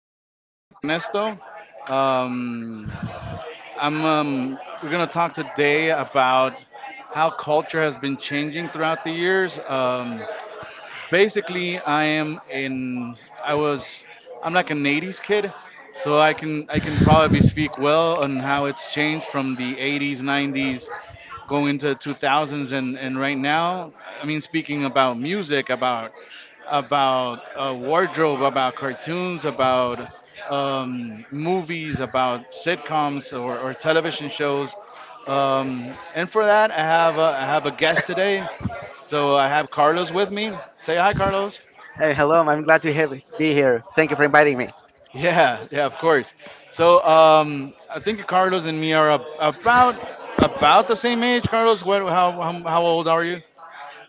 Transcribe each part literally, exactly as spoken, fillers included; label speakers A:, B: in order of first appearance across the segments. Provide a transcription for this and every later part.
A: My name is Ernesto. Um, I'm. Um, we're gonna talk today about how culture has been changing throughout the years. Um, basically, I am in I was I'm like an eighties kid, so i can I can probably speak well on how it's changed from the eighties, nineties, going into two thousands, and and right now. I mean, speaking about music, about about uh, wardrobe, about cartoons, about um, movies, about sitcoms or, or television shows. Um, and for that, i have a, I have a guest today, so I have Carlos with me. Say hi, Carlos.
B: Hey, hello. I'm glad to have be here. Thank you for inviting me.
A: Yeah, yeah, of course. So um, I think Carlos and me are ab- about about the same age. Carlos, what, how, how how old are you?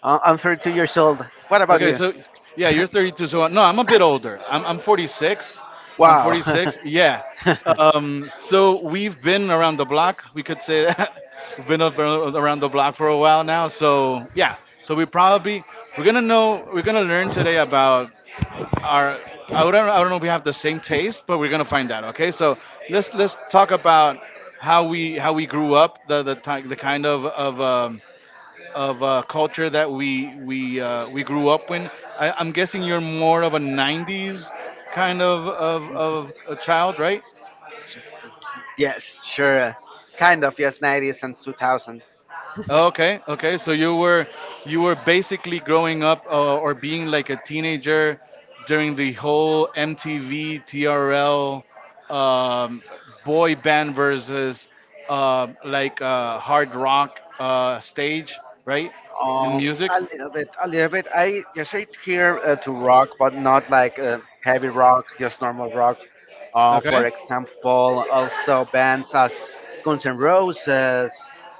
B: Uh, I'm thirty-two years old. What about
A: Okay,
B: you?
A: so yeah, you're thirty-two. So no, I'm a bit older. I'm I'm forty-six. I'm
B: Wow.
A: forty-six. Yeah. Um, so we've been around the block. We could say that we've been up around the block for a while now. So yeah. So we probably, we're gonna know we're gonna learn today about are I don't I don't know if we have the same taste, but we're gonna find out. Okay, so let's let's talk about how we how we grew up, the the ti- the kind of of um, of uh, culture that we we uh, we grew up in. I, I'm guessing you're more of a nineties kind of of, of a child, right?
B: Yes, sure. Kind of. Yes, nineties and two thousand.
A: Okay, okay. So you were, you were basically growing up uh, or being like a teenager during the whole M T V,T R L, um, boy band versus uh, like uh, hard rock uh, stage, right? And
B: Um,
A: music.
B: a little bit, a little bit. I just I here uh, to rock, but not like uh, heavy rock, just normal rock. Uh, for
A: Okay.
B: example, also bands as Guns N' Roses,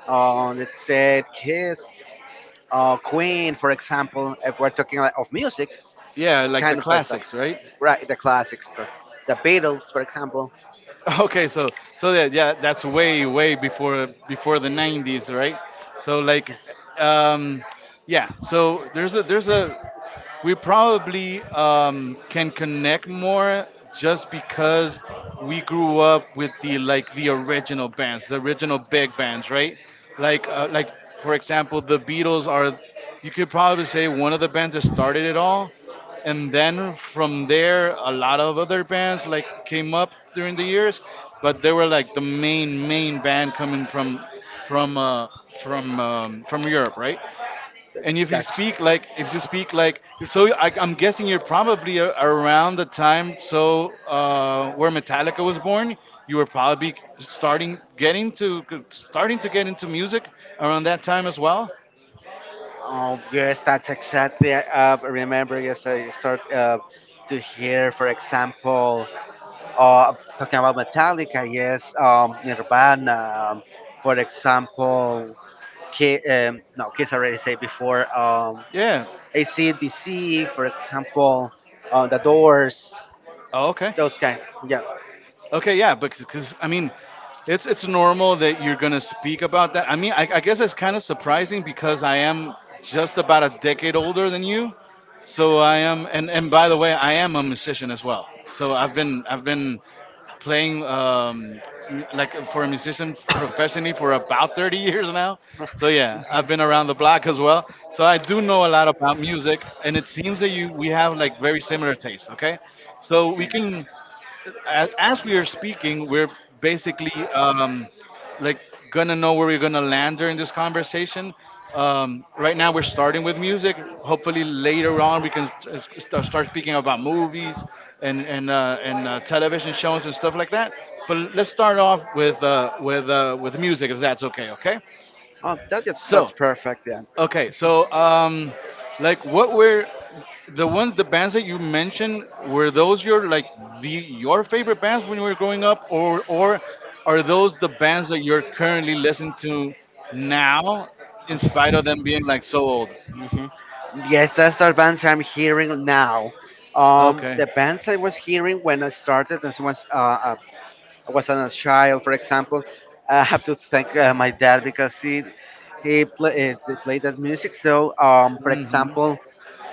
B: uh, let's say Kiss, uh, Queen, for example. If we're talking like, of music,
A: Yeah, like the
B: kind of like stuff.
A: classics, right?
B: Right, the classics, but the Beatles, for example.
A: Okay, so so that, yeah, that's way way before before the nineties, right? So like
B: Yeah,
A: um yeah, so there's a, there's a, we probably um, can connect more just because we grew up with the, like the original bands, the original big bands, right? Like uh, like for example, the Beatles are — you could probably say one of the bands that started it all, and then from there a lot of other bands like came up during the years, but they were like the main main band coming from from uh, from um, from Europe, right?
B: th-
A: And if you
B: that's
A: speak like, if you speak like, so I, I'm guessing you're probably a, around the time so uh, where Metallica was born. You were probably starting getting to starting to get into music around that time as well.
B: oh yes, that's exactly. Uh, remember, yes, I start uh, to hear, for example, uh, talking about Metallica. Yes, um, Nirvana. Um, for example, K, um, no, Kiss already said before. Um,
A: Yeah.
B: A C D C, for example, uh, the Doors.
A: Oh, okay.
B: Those kind. Yeah,
A: Okay, yeah, because I mean, it's it's normal that you're gonna speak about that. I mean, I, I guess it's kind of surprising because I am just about a decade older than you, so I am. And and by the way, I am a musician as well. So I've been I've been playing um, m- like for a musician professionally for about thirty years now. So yeah, I've been around the block as well. So I do know a lot about music, and it seems that you we have like very similar taste. Okay, so we
B: yeah.
A: can, as, as we are speaking, we're basically um, like gonna know where we're gonna land during this conversation. Um, right now, we're starting with music. Hopefully, later on, we can s- s- st- start speaking about movies and and uh, and uh, television shows and stuff like that. But let's start off with uh, with uh, with music, if that's okay. Okay.
B: Oh, that, that's that's
A: So
B: perfect. Yeah.
A: Okay, so um, like what were the ones the bands that you mentioned — were those your like the your favorite bands when you were growing up, or or are those the bands that you're currently listening to now, in spite of them being like so old?
B: Mhm. Yes, that's the bands I'm hearing now. Um,
A: Okay.
B: the bands I was hearing when I started, as was uh, uh, I was a child, for example, I have to thank uh, my dad because he he, play, eh, he played that music. So, um, for
A: Mm-hmm.
B: example,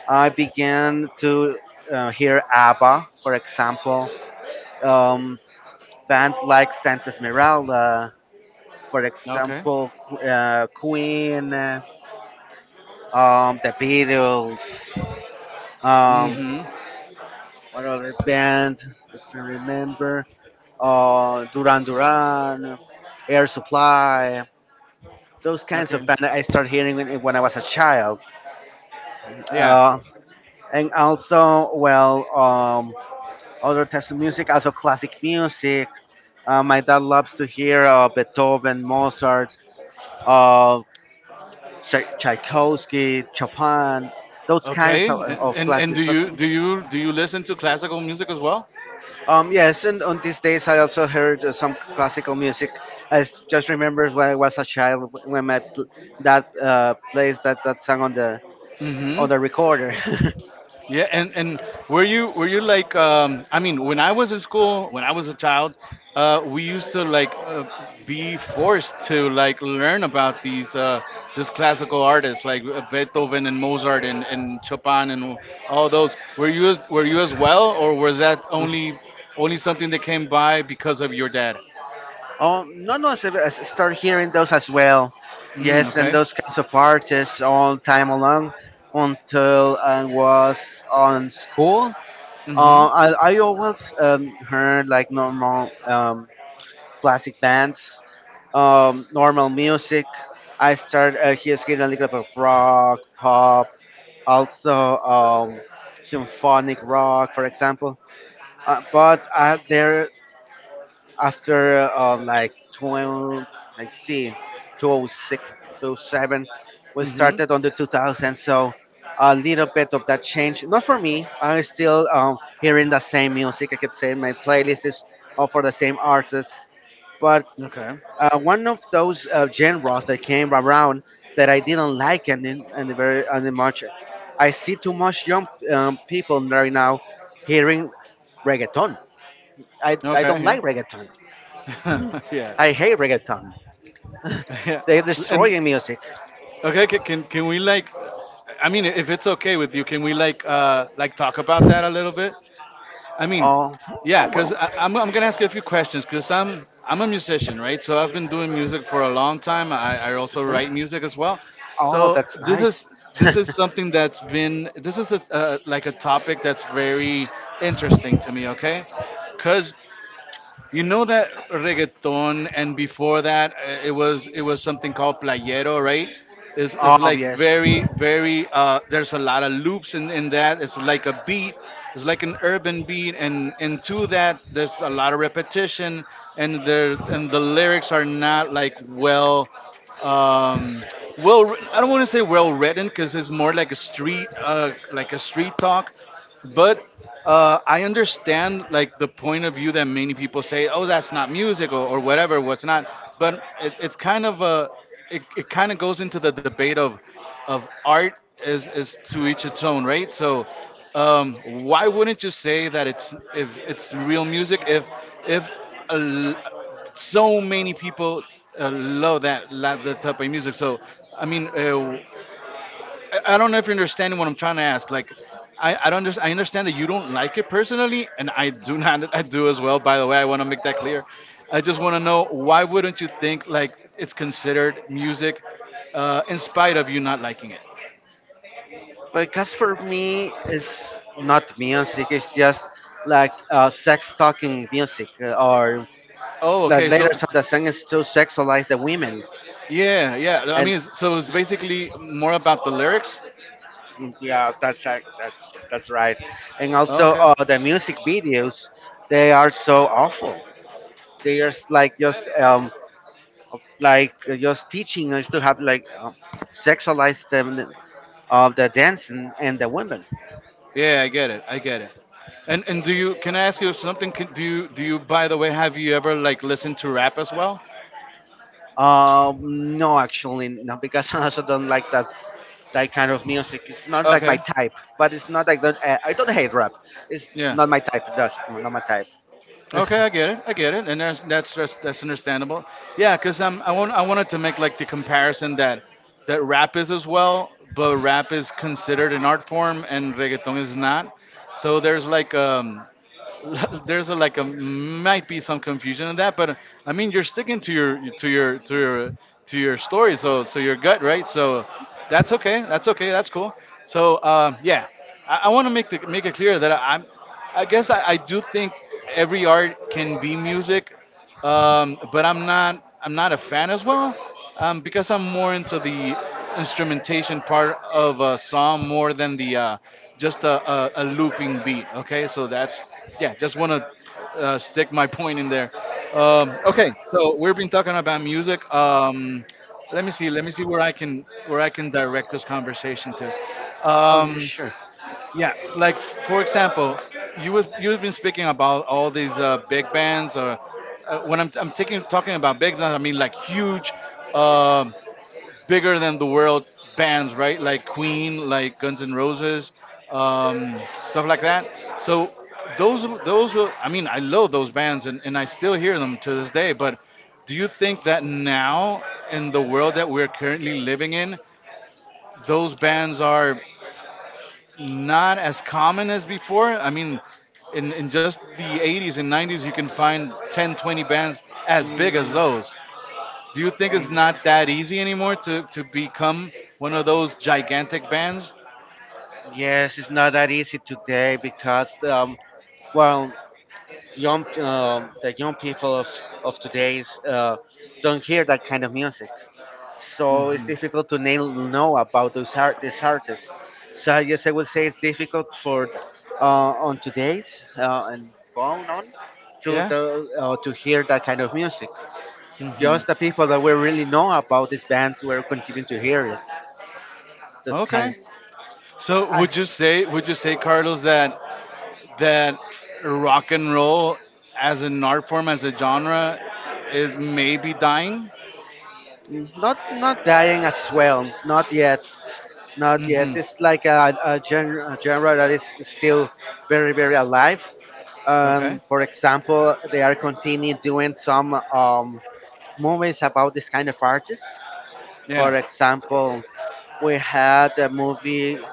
B: I began to uh, hear ABBA, for example, um, bands like Santa Esmeralda, for
A: Okay.
B: example, Qu- uh, Queen, uh, um, the Beatles. Um,
A: Mm-hmm.
B: What other band, if I remember? Uh, Duran Duran, Air Supply. Those kinds of
A: Okay.
B: bands I started hearing when, when I was a child.
A: Yeah.
B: Uh, and also, well, um, other types of music, also classic music. Uh, my dad loves to hear uh, Beethoven, Mozart, uh, Tchai- Tchaikovsky, Chopin, those kinds
A: Okay.
B: of,
A: And,
B: of
A: and and
B: classic.
A: do you,
B: classic
A: do you do you listen to classical music as well?
B: Um, yes, and on these days I also heard uh, some classical music. I s- just remember when I was a child w- when my pl- dad uh, plays that, that song on the on
A: Mm-hmm.
B: the recorder.
A: Yeah, and and were you, were you like um, I mean, when I was in school, when I was a child, uh, we used to like uh, be forced to like learn about these uh, these classical artists like uh, Beethoven and Mozart and, and Chopin and all those. Were you as- were you as well, or was that only only something that came by because of your dad?
B: Oh, no, no, so I s- start hearing those as well.
A: Mm,
B: Yes, and
A: okay.
B: those kinds of artists all time along until I was on school. Uh,
A: Mhm.
B: I, I always um, heard like normal um, classic dance, um, normal music. I started uh, here getting a little bit of rock, pop, also um, symphonic rock, for example. Uh, but uh, there, after uh, like twenty, let's see, twenty oh six, we
A: Mhm.
B: started on the two thousand, so a little bit of that change. Not for me, I'm still um, hearing the same music. I could say my playlist is all for the same artists, but
A: Okay.
B: uh, one of those uh, genres that came around that I didn't like and in, and very and much. I see too much young um, people right now hearing reggaeton. I, I
A: Okay.
B: don't
A: Yeah.
B: like reggaeton.
A: yeah.
B: I hate reggaeton.
A: Yeah.
B: They're
A: And
B: destroying music.
A: okay, can, can can we like, I mean, if it's okay with you, can we like uh like talk about that a little bit? I mean,
B: Oh,
A: yeah, cause I, am I'm gonna ask you a few questions, cause I'm I'm a musician, right? So I've been doing music for a long time. I, I also write
B: mhm.
A: music as well.
B: Oh,
A: So
B: that's
A: this
B: nice.
A: is, this is something that's been, this is a, uh, like a topic that's very interesting to me. Okay, cause you know that reggaeton, and before that, uh, it was, it was something called playero, right? It's, it's
B: Oh
A: like
B: yes,
A: very very. Uh, there's a lot of loops in, in that. It's like a beat. It's like an urban beat, and and to that, there's a lot of repetition, and there, and the lyrics are not like well. Um, well, I don't want to say well written because it's more like a street, uh, like a street talk, but uh, I understand like the point of view that many people say, oh, that's not music or, or whatever, what's not. But it, it's kind of a, it, it kind of goes into the debate of, of art is, is to each its own, right? So um, why wouldn't you say that it's, if it's real music, if if a l so many people uh, love that, love that type of music? So I mean, uh, I I don't know if you're understanding what I'm trying to ask. Like, I, I don't, just I understand that you don't like it personally, and I do not. I do as well. By the way, I want to make that clear. I just want to know why wouldn't you think like it's considered music, uh, in spite of you not liking it?
B: because for me, it's not music. It's just like uh, sex talking music, uh, or
A: Oh,
B: the
A: okay. So,
B: lyrics of the song is to sexualize the women,
A: yeah, yeah. I
B: and
A: mean, so it's basically more about the lyrics.
B: Mm, yeah, that's ac- that's that's right. And also,
A: Okay.
B: uh, the music videos, they are so awful. They are s- like just um like uh, just teaching us to have like um, sexualize them of the dance and, and the women.
A: Yeah, I get it. I get it. And and do you? Can I ask you something? Can, do you, do you? By the way, have you ever like listened to rap as well?
B: Um, no, actually, no, because I also don't like that that kind of music. It's not like my
A: Okay.
B: type, but it's not like that. I I don't hate rap. It's
A: Yeah.
B: not my type. That's not my type.
A: Okay, I get it. I get it, and that's that's just, that's understandable. Yeah, because um, I want, I wanted to make like the comparison that that rap is as well, but rap is considered an art form and reggaeton is not. So there's like um there's a, like a, might be some confusion in that, but I mean you're sticking to your, to your to your to your story, so so your gut, right? So that's okay, that's okay, that's cool. So um, yeah, I, I want to make the, make it clear that I, I'm, I guess I, I do think every art can be music, um, but I'm not I'm not a fan as well, um, because I'm more into the instrumentation part of a song more than the uh, just a, a, a looping beat. Okay, so that's, yeah, just want to uh, stick my point in there. Um, okay, so we've been talking about music. Um, let me see, let me see where I can, where I can direct this conversation to.
B: Oh, yeah,
A: Um,
B: sure.
A: yeah, like f- for example, you was you've been speaking about all these uh, big bands, or uh, when I'm I'm taking, talking about big bands, I mean like huge, um, bigger than the world bands, right? Like Queen, like Guns N' Roses, um, stuff like that. So those those are — I mean I love those bands and, and I still hear them to this day. But do you think that now, in the world that we're currently living in, those bands are not as common as before. I mean, in, in just the eighties and nineties, you can find ten, twenty bands as big as
B: Mm,
A: those. Do you think it's not that
B: I-
A: easy anymore to, to become one of those gigantic bands?
B: yes, it's not that easy today because, um, well, young um, the young people of of today's uh, don't hear that kind of music, so it's difficult to nail, know about those art these artists. So I guess I would say it's difficult for uh, on today's uh, and going on to
A: Yeah.
B: the, uh, to hear that kind of music.
A: Hmm.
B: Just the people that we really know about these bands were continuing to hear it. This kind.
A: Okay. So
B: I,
A: would you say, would you say, Carlos, that that rock and roll, as an art form, as a genre, is maybe dying?
B: Mm, Not not dying as well. Not yet. Not yet.
A: Hmm.
B: It's like a, a, gen- a genre that is still very very alive.
A: Okay.
B: Um, for example, they are continuing doing some um, movies about this kind of artists. For
A: Yeah.
B: example, we had a movie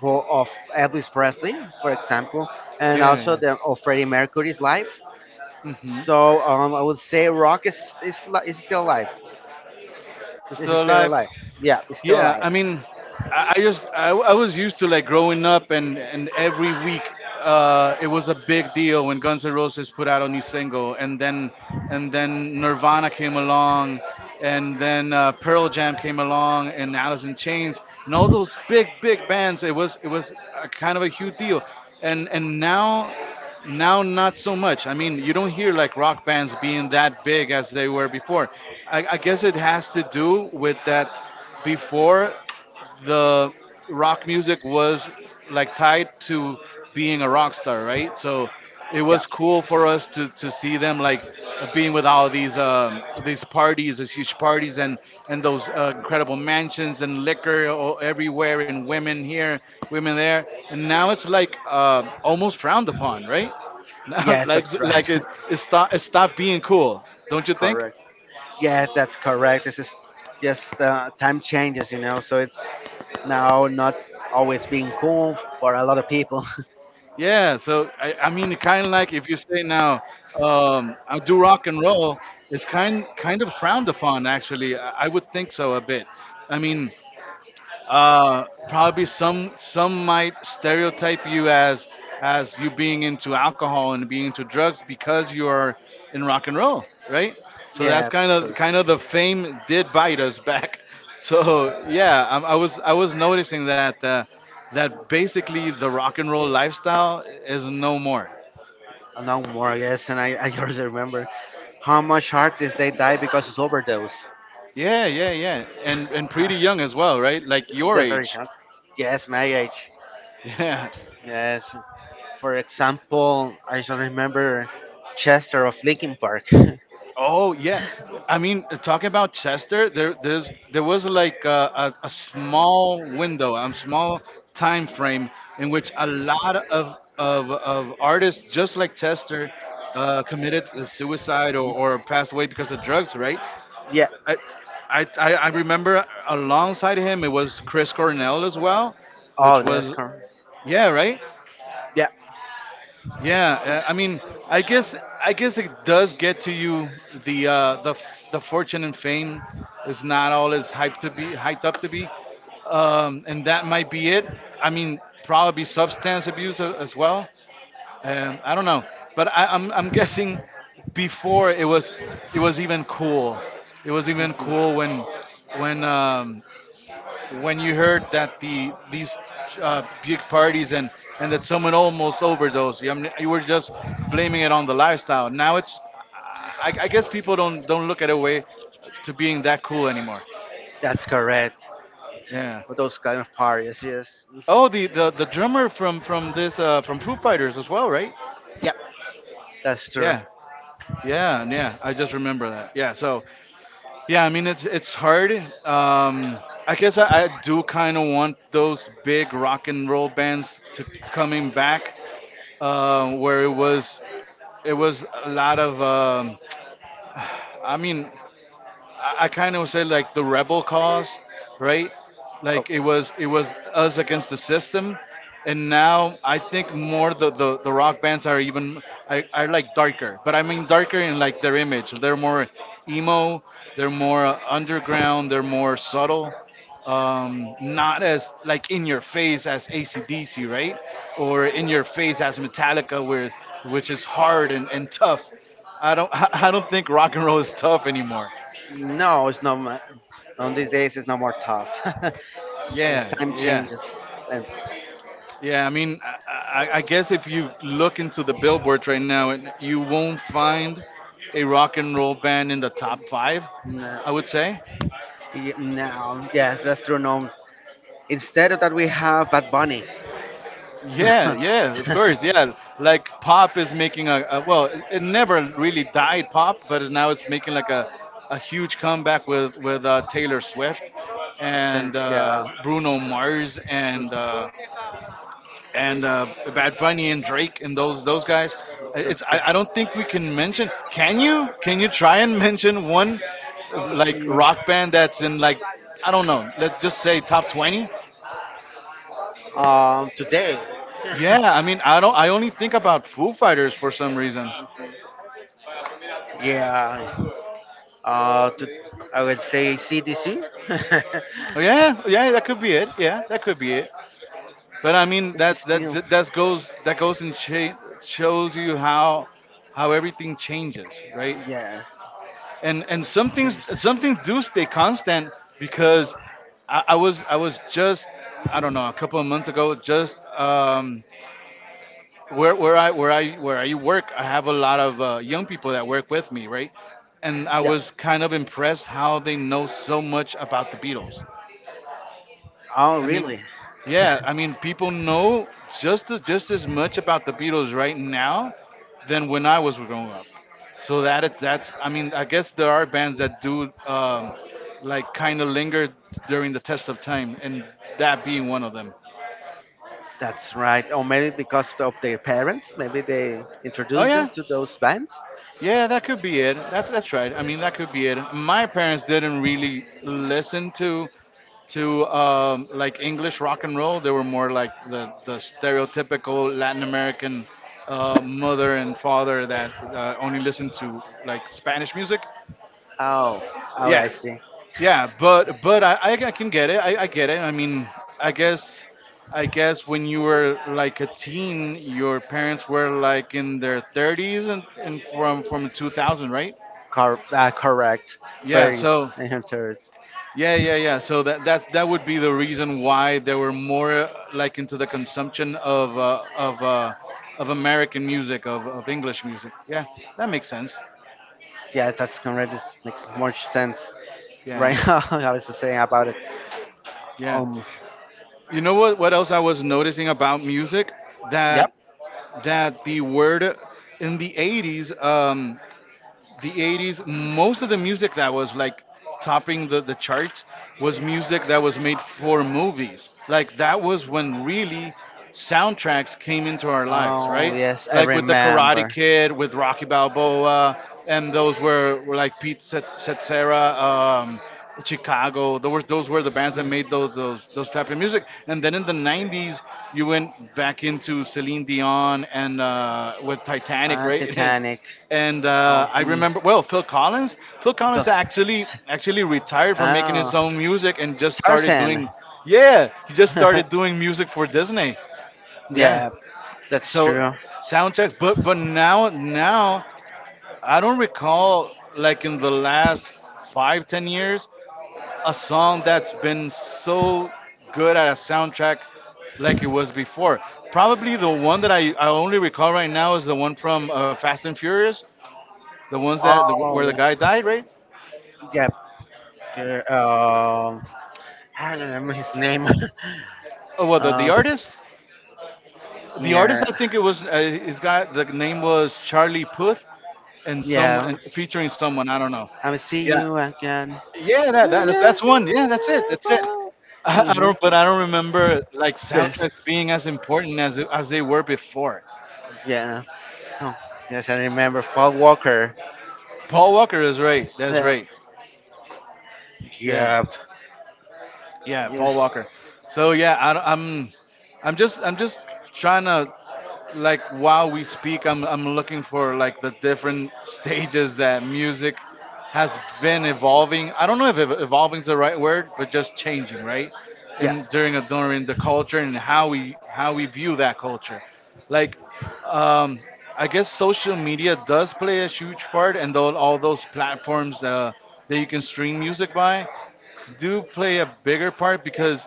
B: for of Elvis Presley, for example, and also
A: Yeah,
B: the of Freddie Mercury's life.
A: yeah. Hmm.
B: So um, I would say rock is is, li- is still alive.
A: It's
B: This
A: still
B: is very
A: alive.
B: alive. Yeah, it's still
A: Yeah, I
B: alive.
A: mean, I, I just I, I was used to like growing up, and and every week uh, it was a big deal when Guns N' Roses put out a new single, and then, and then Nirvana came along, and then uh, Pearl Jam came along, and Alice in Chains, and all those big big bands. It was, it was a kind of a huge deal, and and now, now not so much. I mean, you don't hear like rock bands being that big as they were before. I, I guess it has to do with that before the rock music was like tied to being a rock star, right? So it
B: Yeah.
A: was cool for us to, to see them like being with all these um, these parties, these huge parties, and and those uh, incredible mansions and liquor o- everywhere, and women here, women there, and now it's like uh, almost frowned upon, right? Now,
B: Yes,
A: like
B: that's right.
A: like it, it stop it stopped being cool, don't you think?
B: Correct. Yes, that's correct. This is just uh, time changes, you know. So it's now not always being cool for a lot of people.
A: Yeah, so I, I mean, kind of like if you say now, um, I do rock and roll, it's kind kind of frowned upon. Actually, I, I would think so a bit. I mean, uh, probably some some might stereotype you as as you being into alcohol and being into drugs because you are in rock and roll, right? So that's
B: Yeah,
A: kind of kind of the fame did bite us back. So yeah, I, I was I was noticing that uh, that basically the rock and roll lifestyle is no more.
B: a lot more. Yes, and I, I just remember how much artists they die because of overdose.
A: Yeah, yeah, yeah, and and pretty young as well, right? Like your
B: Just very
A: age.
B: young. Yes, my age.
A: Yeah.
B: Yes. For example, I just remember Chester of Linkin Park.
A: Oh yeah, I mean, talking about Chester, there there's there was like a, a, a small window, a small time frame in which a lot of of, of artists just like Chester uh, committed suicide or, or passed away because of drugs, right?
B: Yeah.
A: I, I I I remember alongside him it was Chris Cornell as well,
B: Oh,
A: which
B: that's
A: was
B: correct.
A: yeah, right.
B: Yeah.
A: Yeah, uh, I mean, I guess I guess it does get to you the uh, the f- the fortune and fame is not all as hyped to be hyped up to be, um, and that might be it. I mean, probably substance abuse a- as well. Um, I don't know, but I, I'm I'm guessing before it was it was even cool. It was even
B: Mhm.
A: cool when when um, when you heard that the these uh, big parties and and that someone almost overdosed? You, I mean, you were just blaming it on the lifestyle. Now it's, I, I guess people don't don't look at a way to being that cool anymore.
B: That's correct.
A: Yeah.
B: Those kind of parties. Yes,
A: Oh, the the, the drummer from from this uh, from Foo Fighters as well, right?
B: yep, that's true.
A: Yeah. Yeah, and yeah, I just remember that. Yeah, so yeah, I mean it's it's hard. Um, I guess I, I do kind of want those big rock and roll bands to coming back um, where it was it was a lot of um, I mean I, I kind of say like the rebel cause, right?
B: Oh,
A: Like it was it was us against the system, and now I think more the the, the rock bands are even I are like darker, but I mean darker in like their image. They're more emo, they're more uh, underground, they're more subtle. Um, not as like in your face as A C D C, right? Or in your face as Metallica, where which is hard and, and tough. I don't I don't think rock and roll is tough anymore.
B: no, it's no. ma- On these days, it's no more tough. Uh,
A: Yeah,
B: Time
A: yeah,
B: changes. And
A: yeah. I mean, I, I I guess if you look into the billboards right now, and you won't find a rock and roll band in the top five.
B: no,
A: I would say.
B: y- no, yes, that's true. No, instead of that, we have Bad Bunny.
A: Yeah, yeah, of course, yeah. Like pop is making a, a well, it it never really died pop, but now it's making like a, a huge comeback with with uh, Taylor Swift and
B: Then, yeah,
A: uh, Bruno Mars and uh, and uh, Bad Bunny and Drake and those those guys. It's
B: those
A: I,
B: guy-
A: I don't think we can mention. Can you can you try and mention one uh, like
B: Mm,
A: rock band that's in like I don't know. Let's just say top twenty.
B: mm. Um, today.
A: Yeah, I mean I don't I only think about Foo Fighters for some reason.
B: Yeah, uh, to, I would say C D C.
A: Oh, Yeah, yeah, that could be it. Yeah, that could be it. But I mean that's that
B: Still,
A: that goes that goes and cha- shows you how how everything changes, right?
B: yes.
A: And and some things some things do stay constant because I, I was I was just I don't know a couple of months ago just um, where where I where I where I work I have a lot of uh, young people that work with me right and I
B: Yeah.
A: was kind of impressed how they know so much about the Beatles
B: Oh,
A: I mean,
B: really?
A: yeah, I mean, people know just as, just as much about the Beatles right now than when I was growing up. So that it's that's I mean, I guess there are bands that do um, like kind of linger during the test of time, and that being one of them.
B: That's right. Or maybe because of their parents, maybe they
A: Oh
B: introduced them
A: yeah,
B: to those bands.
A: Yeah, that could be it. That's that's right. I mean, that could be it. My parents didn't really listen to to um, like English rock and roll. They were more like the the stereotypical Latin American uh, mother and father that uh, only listened to like Spanish music.
B: Oh, oh,
A: Yeah,
B: I see.
A: yeah, but but I, I I can get it. I, I get it. I mean, I guess I guess when you were like a teen, your parents were like in their thirties and, and from from two thousand, right?
B: Cor- uh, correct.
A: Yeah,
B: Fairies
A: so
B: and hunters.
A: yeah, yeah, yeah. So that that that would be the reason why they were more uh, like into the consumption of uh, of uh, of American music, of, of English music. Yeah, that makes sense.
B: Yeah, that's correct. This makes more sense
A: Yeah,
B: right now. I was just saying about it.
A: yeah.
B: Um,
A: You know what? What else I was noticing about music that
B: yep.
A: that the word in the eighties. Um, the eighties most of the music that was like topping the, the charts was music that was made for movies like that was when really soundtracks came into our lives
B: Oh
A: right
B: yes, I
A: like with the Karate
B: remember.
A: Kid with Rocky Balboa and those were, were like Pete Cetera, um, Chicago those, were, those were the bands that made those, those those type of music and then in the nineties you went back into Celine Dion and uh, with Titanic
B: Uh,
A: right and
B: Titanic.
A: and
B: Oh,
A: uh, I
B: hmm.
A: remember well Phil Collins. Phil
B: So
A: Collins actually actually retired from making
B: Oh,
A: his own music and just started
B: Tarzan.
A: doing yeah he just started doing music for Disney. Yeah,
B: Yeah, that's
A: so
B: true.
A: soundtracks, but but now now I don't recall like in the last five ten years a song that's been so good at a soundtrack like it was before. Probably the one that I, I only recall right now is the one from uh, Fast and Furious the ones that the,
B: Oh,
A: where the
B: yeah,
A: guy died, right?
B: yeah. the- Um, I don't remember his name.
A: Oh, well, the, the
B: um,
A: artist. The artist, I
B: yeah,
A: think it was uh, his guy. The name was Charlie Puth, and some
B: yeah.
A: and featuring someone I don't know.
B: I will see
A: Yeah,
B: you again.
A: yeah, that, that that's, that's one. Yeah, that's it. That's it. I, I
B: Mm-hmm.
A: don't, but I don't remember like
B: This,
A: soundtracks being as important as as they were before.
B: yeah. Oh, yes, I remember Paul Walker.
A: Paul Walker is right. That's
B: Yeah,
A: right. Yeah.
B: yeah.
A: Yeah, Paul
B: Yes,
A: Walker. So yeah, I, am I'm just, I'm just trying to, like, while we speak, I'm, I'm looking for like the different stages that music has been evolving. I don't know if ev- evolving is the right word, but just changing, right?
B: yeah.
A: In during a, during the culture and how we how we view that culture, like, um, I guess social media does play a huge part, and tho- all those platforms uh, that you can stream music by do play a bigger part because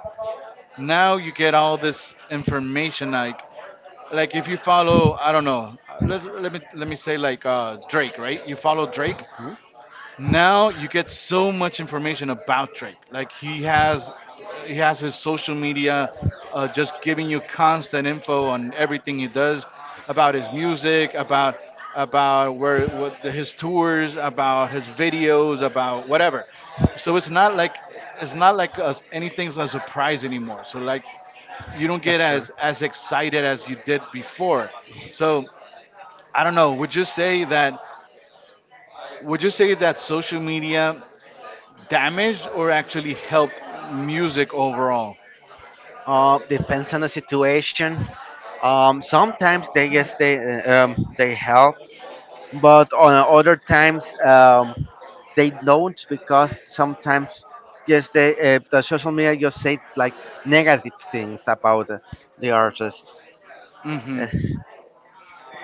A: now you get all this information like like if you follow I don't know uh, let, let me let me say like uh Drake right you follow Drake
B: Hmm.
A: now you get so much information about Drake. Like he has, he has his social media, uh, just giving you constant info on everything he does, about his music, about about where what the, his tours, about his videos, about whatever. So it's not like it's not like us anything's a surprise anymore. So like you don't get
B: That's true.
A: as as excited as you did before. So I don't know. Would you say that? Would you say that social media damaged or actually helped music overall?
B: Uh, depends on the situation. Um, sometimes they yes they uh, um they help but on other times um, they don't because sometimes just the, uh, the social media just say like negative things about uh, the artist.
A: Hmm.
B: Uh,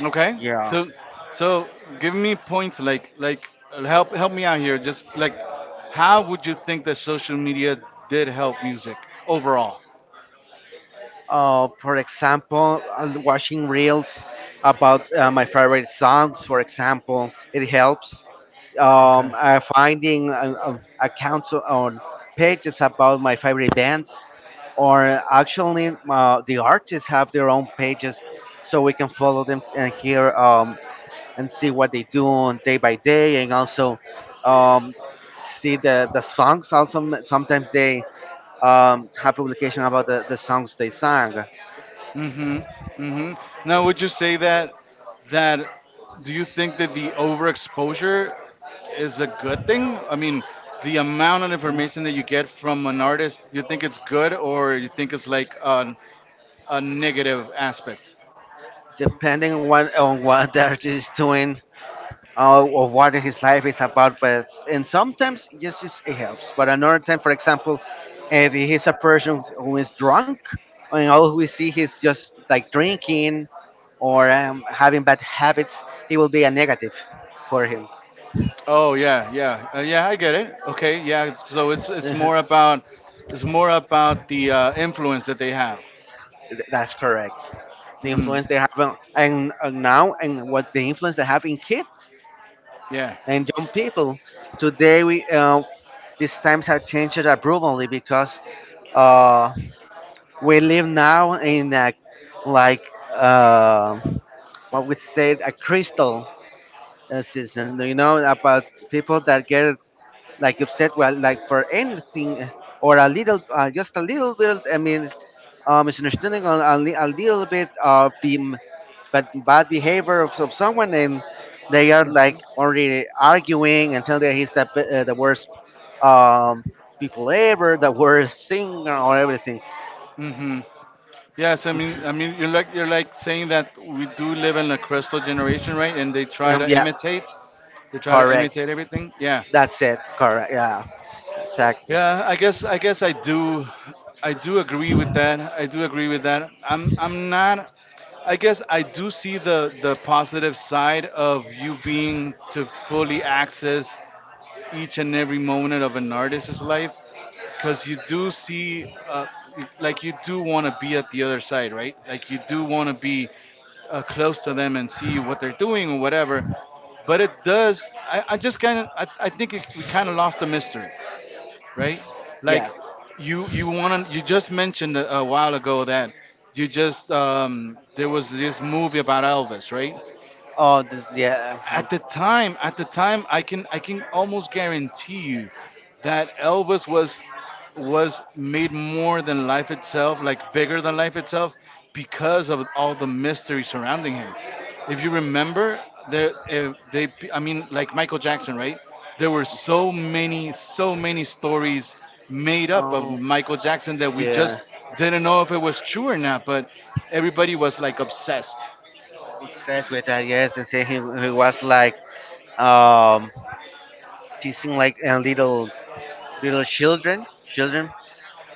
A: Okay.
B: yeah.
A: So, so give me points like like uh, help help me out here. Just like, how would you think that social media did help music overall?
B: Uh, for example, uh, watching reels about uh, my favorite songs, for example, it helps. Um,
A: Okay.
B: uh, finding uh, uh, accounts on pages about my favorite bands, or actually uh, the artists have their own pages so we can follow them and hear um, and see what they do on day by day and also um, see the, the songs also sometimes they um, have publication about the, the songs they sang
A: Mm-hmm. Mm-hmm. Now, would you say that that do you think that the overexposure is a good thing? I mean, the amount of information that you get from an artist, you think it's good or you think it's like uh, a negative aspect.
B: depending on what, on what the artist is doing uh, of what his life is about. But and sometimes yes, yes, it helps. But another time, for example, if he's a person who is drunk, and all we see is just like drinking or um, having bad habits, it will be a negative for him.
A: Oh yeah, yeah, uh, yeah. I get it. Okay, yeah. it's- So it's it's more about it's more about the uh, influence that they have.
B: That's correct. The
A: Mm,
B: influence they have on, and, and now and what the influence they have in kids
A: yeah.
B: and young people today. We uh, these times have changed abruptly because. Uh, we live now in a like uh, what we said a crystal uh, season you know about people that get like upset well like for anything uh, or a little uh, just a little bit I mean uh, misunderstanding or a, li- a little bit of being but bad behavior of, of someone and they are
A: Mhm.
B: like already arguing and tell that he's the, be- uh, the worst um, people ever the worst singer or everything
A: Mhm. Yes, I mean, I mean, you're like you're like saying that we do live in a crystal generation, right? And they try
B: um,
A: to
B: yeah
A: imitate. They try to
B: correct.
A: imitate everything. Yeah.
B: That's it. Correct. Yeah. Exactly.
A: Yeah, I guess I guess I do I do agree with that. I do agree with that. I'm I'm not I guess I do see the the positive side of you being to fully access each and every moment of an artist's life because you do see uh, like you do want to be at the other side, right? Like you do want to be uh, close to them and see what they're doing or whatever. But it does. I, I just kind of I, I think it, we kind of lost the mystery, right? Like
B: Yeah.
A: you you want to you just mentioned a, a while ago that you just um, there was this movie about Elvis, right?
B: Oh, this. Yeah. Um,
A: At the time, at the time, i can i can almost guarantee you that Elvis was was made more than life itself, like bigger than life itself, because of all the mystery surrounding him. If you remember there if they I mean, like Michael Jackson, right? There were so many so many stories made up of
B: oh,
A: Michael Jackson that we just
B: yeah.
A: didn't know if it was true or not, but everybody was like obsessed.
B: Obsessed with that. Yes, and say he, he was like um teasing like uh, little little children, children,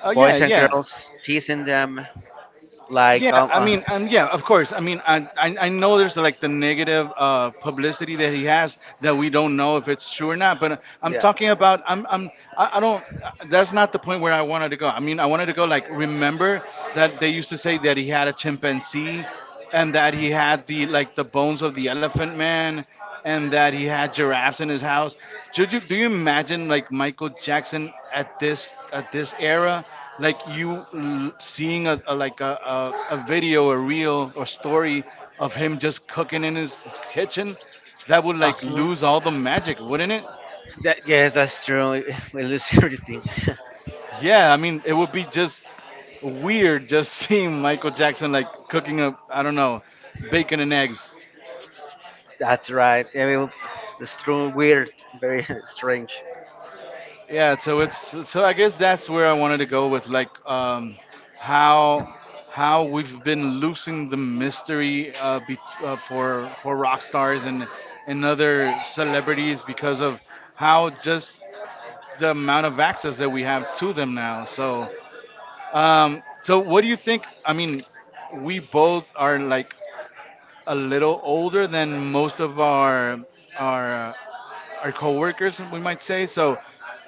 A: Oh, yeah,
B: boys and
A: yeah.
B: girls, teasing them like
A: Yeah,
B: um
A: I
B: uh,
A: mean, um, yeah, of course. I mean, I, I I know there's like the negative uh, publicity that he has that we don't know if it's true or not. But uh, I'm
B: yeah.
A: talking about I'm I'm I, I don't. uh, That's not the point where I wanted to go. I mean, I wanted to go like, remember that they used to say that he had a chimpanzee, and that he had the like the bones of the elephant man, and that he had giraffes in his house. Do you, do you imagine like Michael Jackson at this at this era, like you l- seeing a, a like a, a, a video, a reel or story of him just cooking in his kitchen, that would like
B: Uh-huh.
A: lose all the magic, wouldn't it?
B: That yes, that's true. We lose everything.
A: Yeah, I mean, it would be just weird, just seeing Michael Jackson like cooking up, I don't know, bacon and eggs.
B: That's right. Yeah, we- will- it's true. Weird. Very strange
A: Yeah, so it's, so I guess that's where I wanted to go with like, um, how how we've been losing the mystery uh, bet uh, for for rock stars and and other celebrities because of how just the amount of access that we have to them now. So um, so what do you think? I mean, we both are like a little older than most of our our our coworkers, we might say. So,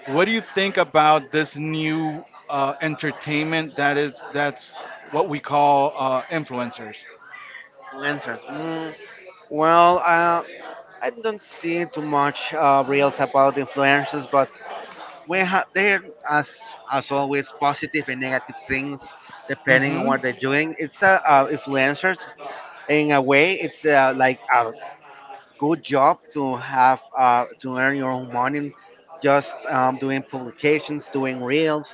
A: what do you think about this new uh, entertainment that is that's what we call uh, influencers?
B: answers. Mm, well, uh, I don't see too much uh, reels about influencers, but we have they're as as always positive and negative things depending on
A: Mm-hmm.
B: what they're doing. It's uh, uh, influencers in a way. It's uh, like a good job to have uh, to earn your own money, just um, doing publications, doing reels,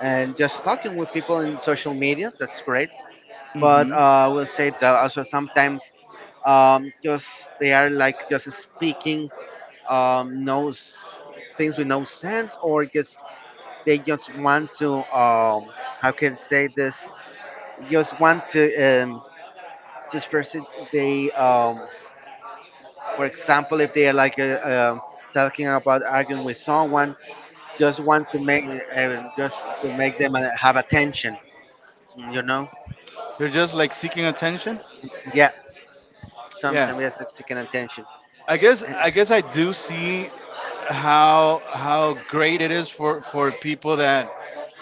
B: and just talking with people in social media. That's great. But
A: Mm-hmm.
B: uh, I will say that also sometimes um, just they are like just speaking um, knows things with no sense or just they just want to um, how can I say this just want to um, just persist they um, for example if they are like uh, um talking about arguing with someone just want to make uh, just to make them uh, have attention you know
A: They're just like seeking attention.
B: yeah
A: Yeah.
B: sometimes that's seeking attention.
A: I guess
B: Uh,
A: I guess I do see how how great it is for for people that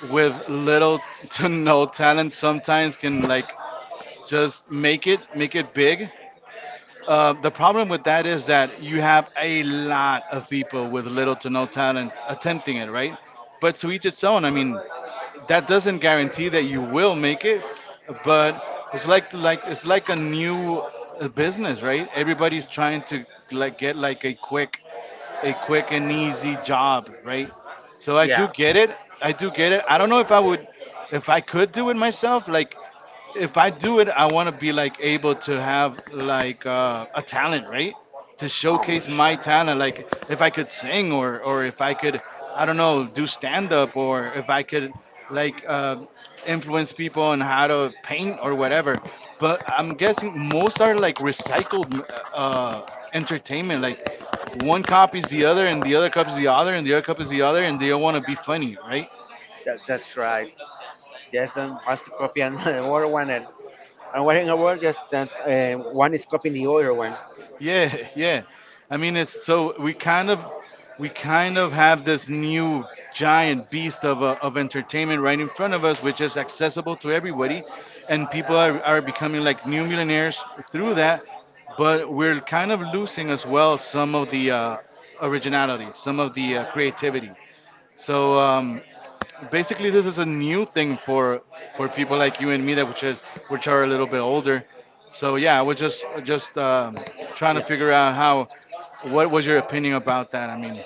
A: with little to no talent sometimes can like just make it make it big. Uh, the problem with that is that you have a lot of people with little to no talent attempting it, right? But to each its own. I mean, that doesn't guarantee that you will make it, but it's like like it's like a new uh, business, right? Everybody's trying to like get like a quick, a quick and easy job, right? So I
B: yeah
A: do get it. I do get it. I don't know if I would, if I could do it myself. Like, if I do it, I want to be like able to have like uh, a talent, right? To
B: oh,
A: showcase my
B: shit.
A: talent, like if I could sing, or or if I could, I don't know, do stand up, or if I could like uh, influence people on how to paint or whatever. But I'm guessing most are like recycled uh, uh, entertainment, like one copies the other and the other copies the other and the other copies the other, and they all want to be funny, right?
B: that, that's right. Yes and wants to copy another one and I'm working a world just that uh, one is copying the other one.
A: Yeah, yeah. I mean, it's so we kind of we kind of have this new giant beast of uh, of entertainment right in front of us, which is accessible to everybody, and people are are becoming like new millionaires through that. But we're kind of losing as well some of the uh, originality, some of the uh, creativity. So um, basically this is a new thing for for people like you and me that which is which are a little bit older. So yeah, i was just just um, trying to
B: Yeah.
A: figure out how what was your opinion about that. I mean,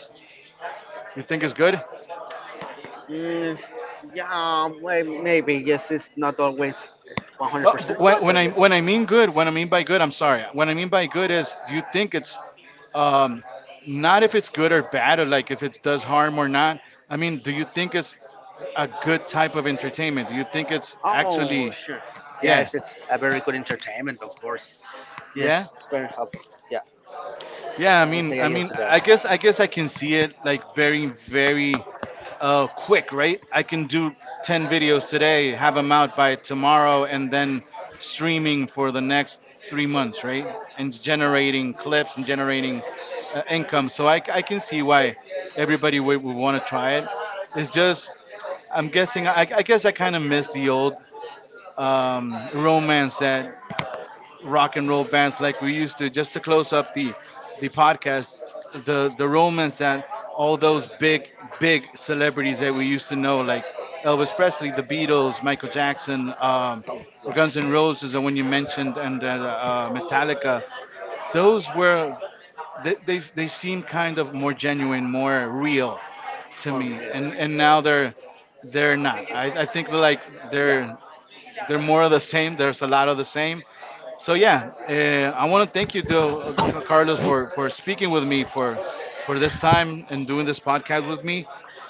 A: you think it's good?
B: Mm, yeah, um, well, maybe. Yes, it's not always
A: Uh, but
B: one hundred percent
A: when,
B: good,
A: when
B: but
A: i
B: yes.
A: when i mean good, when I mean by good, I'm sorry, when I mean by good is, do you think it's um, not if it's good or bad or like if it does harm or not. I mean, do you think it's a good type of entertainment? Do you think it's
B: Oh,
A: actually,
B: sure.
A: yeah,
B: Yes, it's a very good entertainment, of course. Yes,
A: yeah.
B: it's very helpful. Yeah,
A: Yeah, I
B: I would
A: mean,
B: say
A: I
B: yes
A: mean,
B: to that.
A: I guess, I guess I can see it like very, very uh, quick, right? I can do ten videos today, have them out by tomorrow, and then streaming for the next three months, right? And
B: Yeah.
A: generating clips and generating uh, income. So I, I can see why everybody would, would want to try it. It's just, I'm guessing, I, I guess I kind of miss the old um, romance that rock and roll bands like we used to, just to close up the the podcast, the the romance that all those big big celebrities that we used to know like Elvis Presley, the Beatles, Michael Jackson, um,
B: Oh,
A: or Guns
B: yeah.
A: N' Roses, the one you mentioned, and uh, uh, Metallica. Those were, they, they they seem kind of more genuine, more real to
B: More
A: me. and
B: real.
A: and now they're they're not, I, I think like
B: Yeah.
A: they're they're more of the same. There's a lot of the same. So yeah, uh, I want to thank you, though, Ca- Carlos, for for speaking with me for for this time and doing this podcast with me.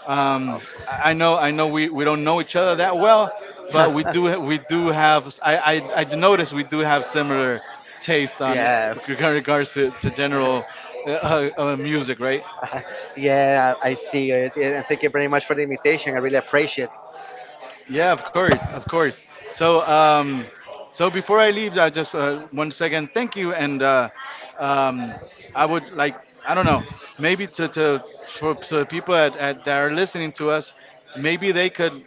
A: Um, I I know I know we, we don't know each other that well,
B: Yeah.
A: but we do, we do have, I I, I noticed we do have similar taste on
B: Yes.
A: regard- regards to, to general uh, uh, uh, music, right?
B: Yeah, I see it. Yeah, and thank you very much for the invitation. I really appreciate it.
A: Yeah, of course, of course. So, um, so before I leave, I just uh, one second. Thank you, and uh, um, I would like, I don't know, maybe to to for so people at, at, that are listening to us, maybe they could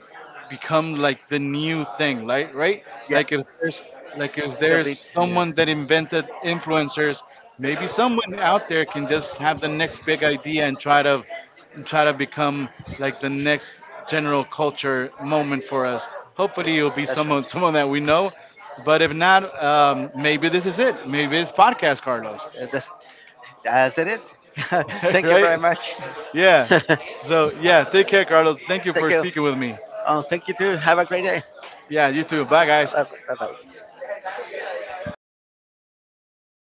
A: become like the new thing, like, right?
B: Yeah.
A: Like if there's, like if
B: It could
A: there's
B: be, yeah.
A: someone that invented influencers, maybe someone out there can just have the next big idea and try to, and try to become like the next general culture moment for us. Hopefully, it'll be
B: That's right.
A: someone someone that we know. But if not, um, maybe this is it. Maybe it's podcast, Carlos.
B: Uh, That's, as it is. Thank you
A: Right?
B: very much.
A: Yeah.
B: Thank
A: So yeah, take care, Carlos. Thank you for
B: you.
A: speaking with me.
B: Oh, thank you too. Have a great day.
A: Yeah, you too. Bye,
B: Bye
A: guys.
B: bye.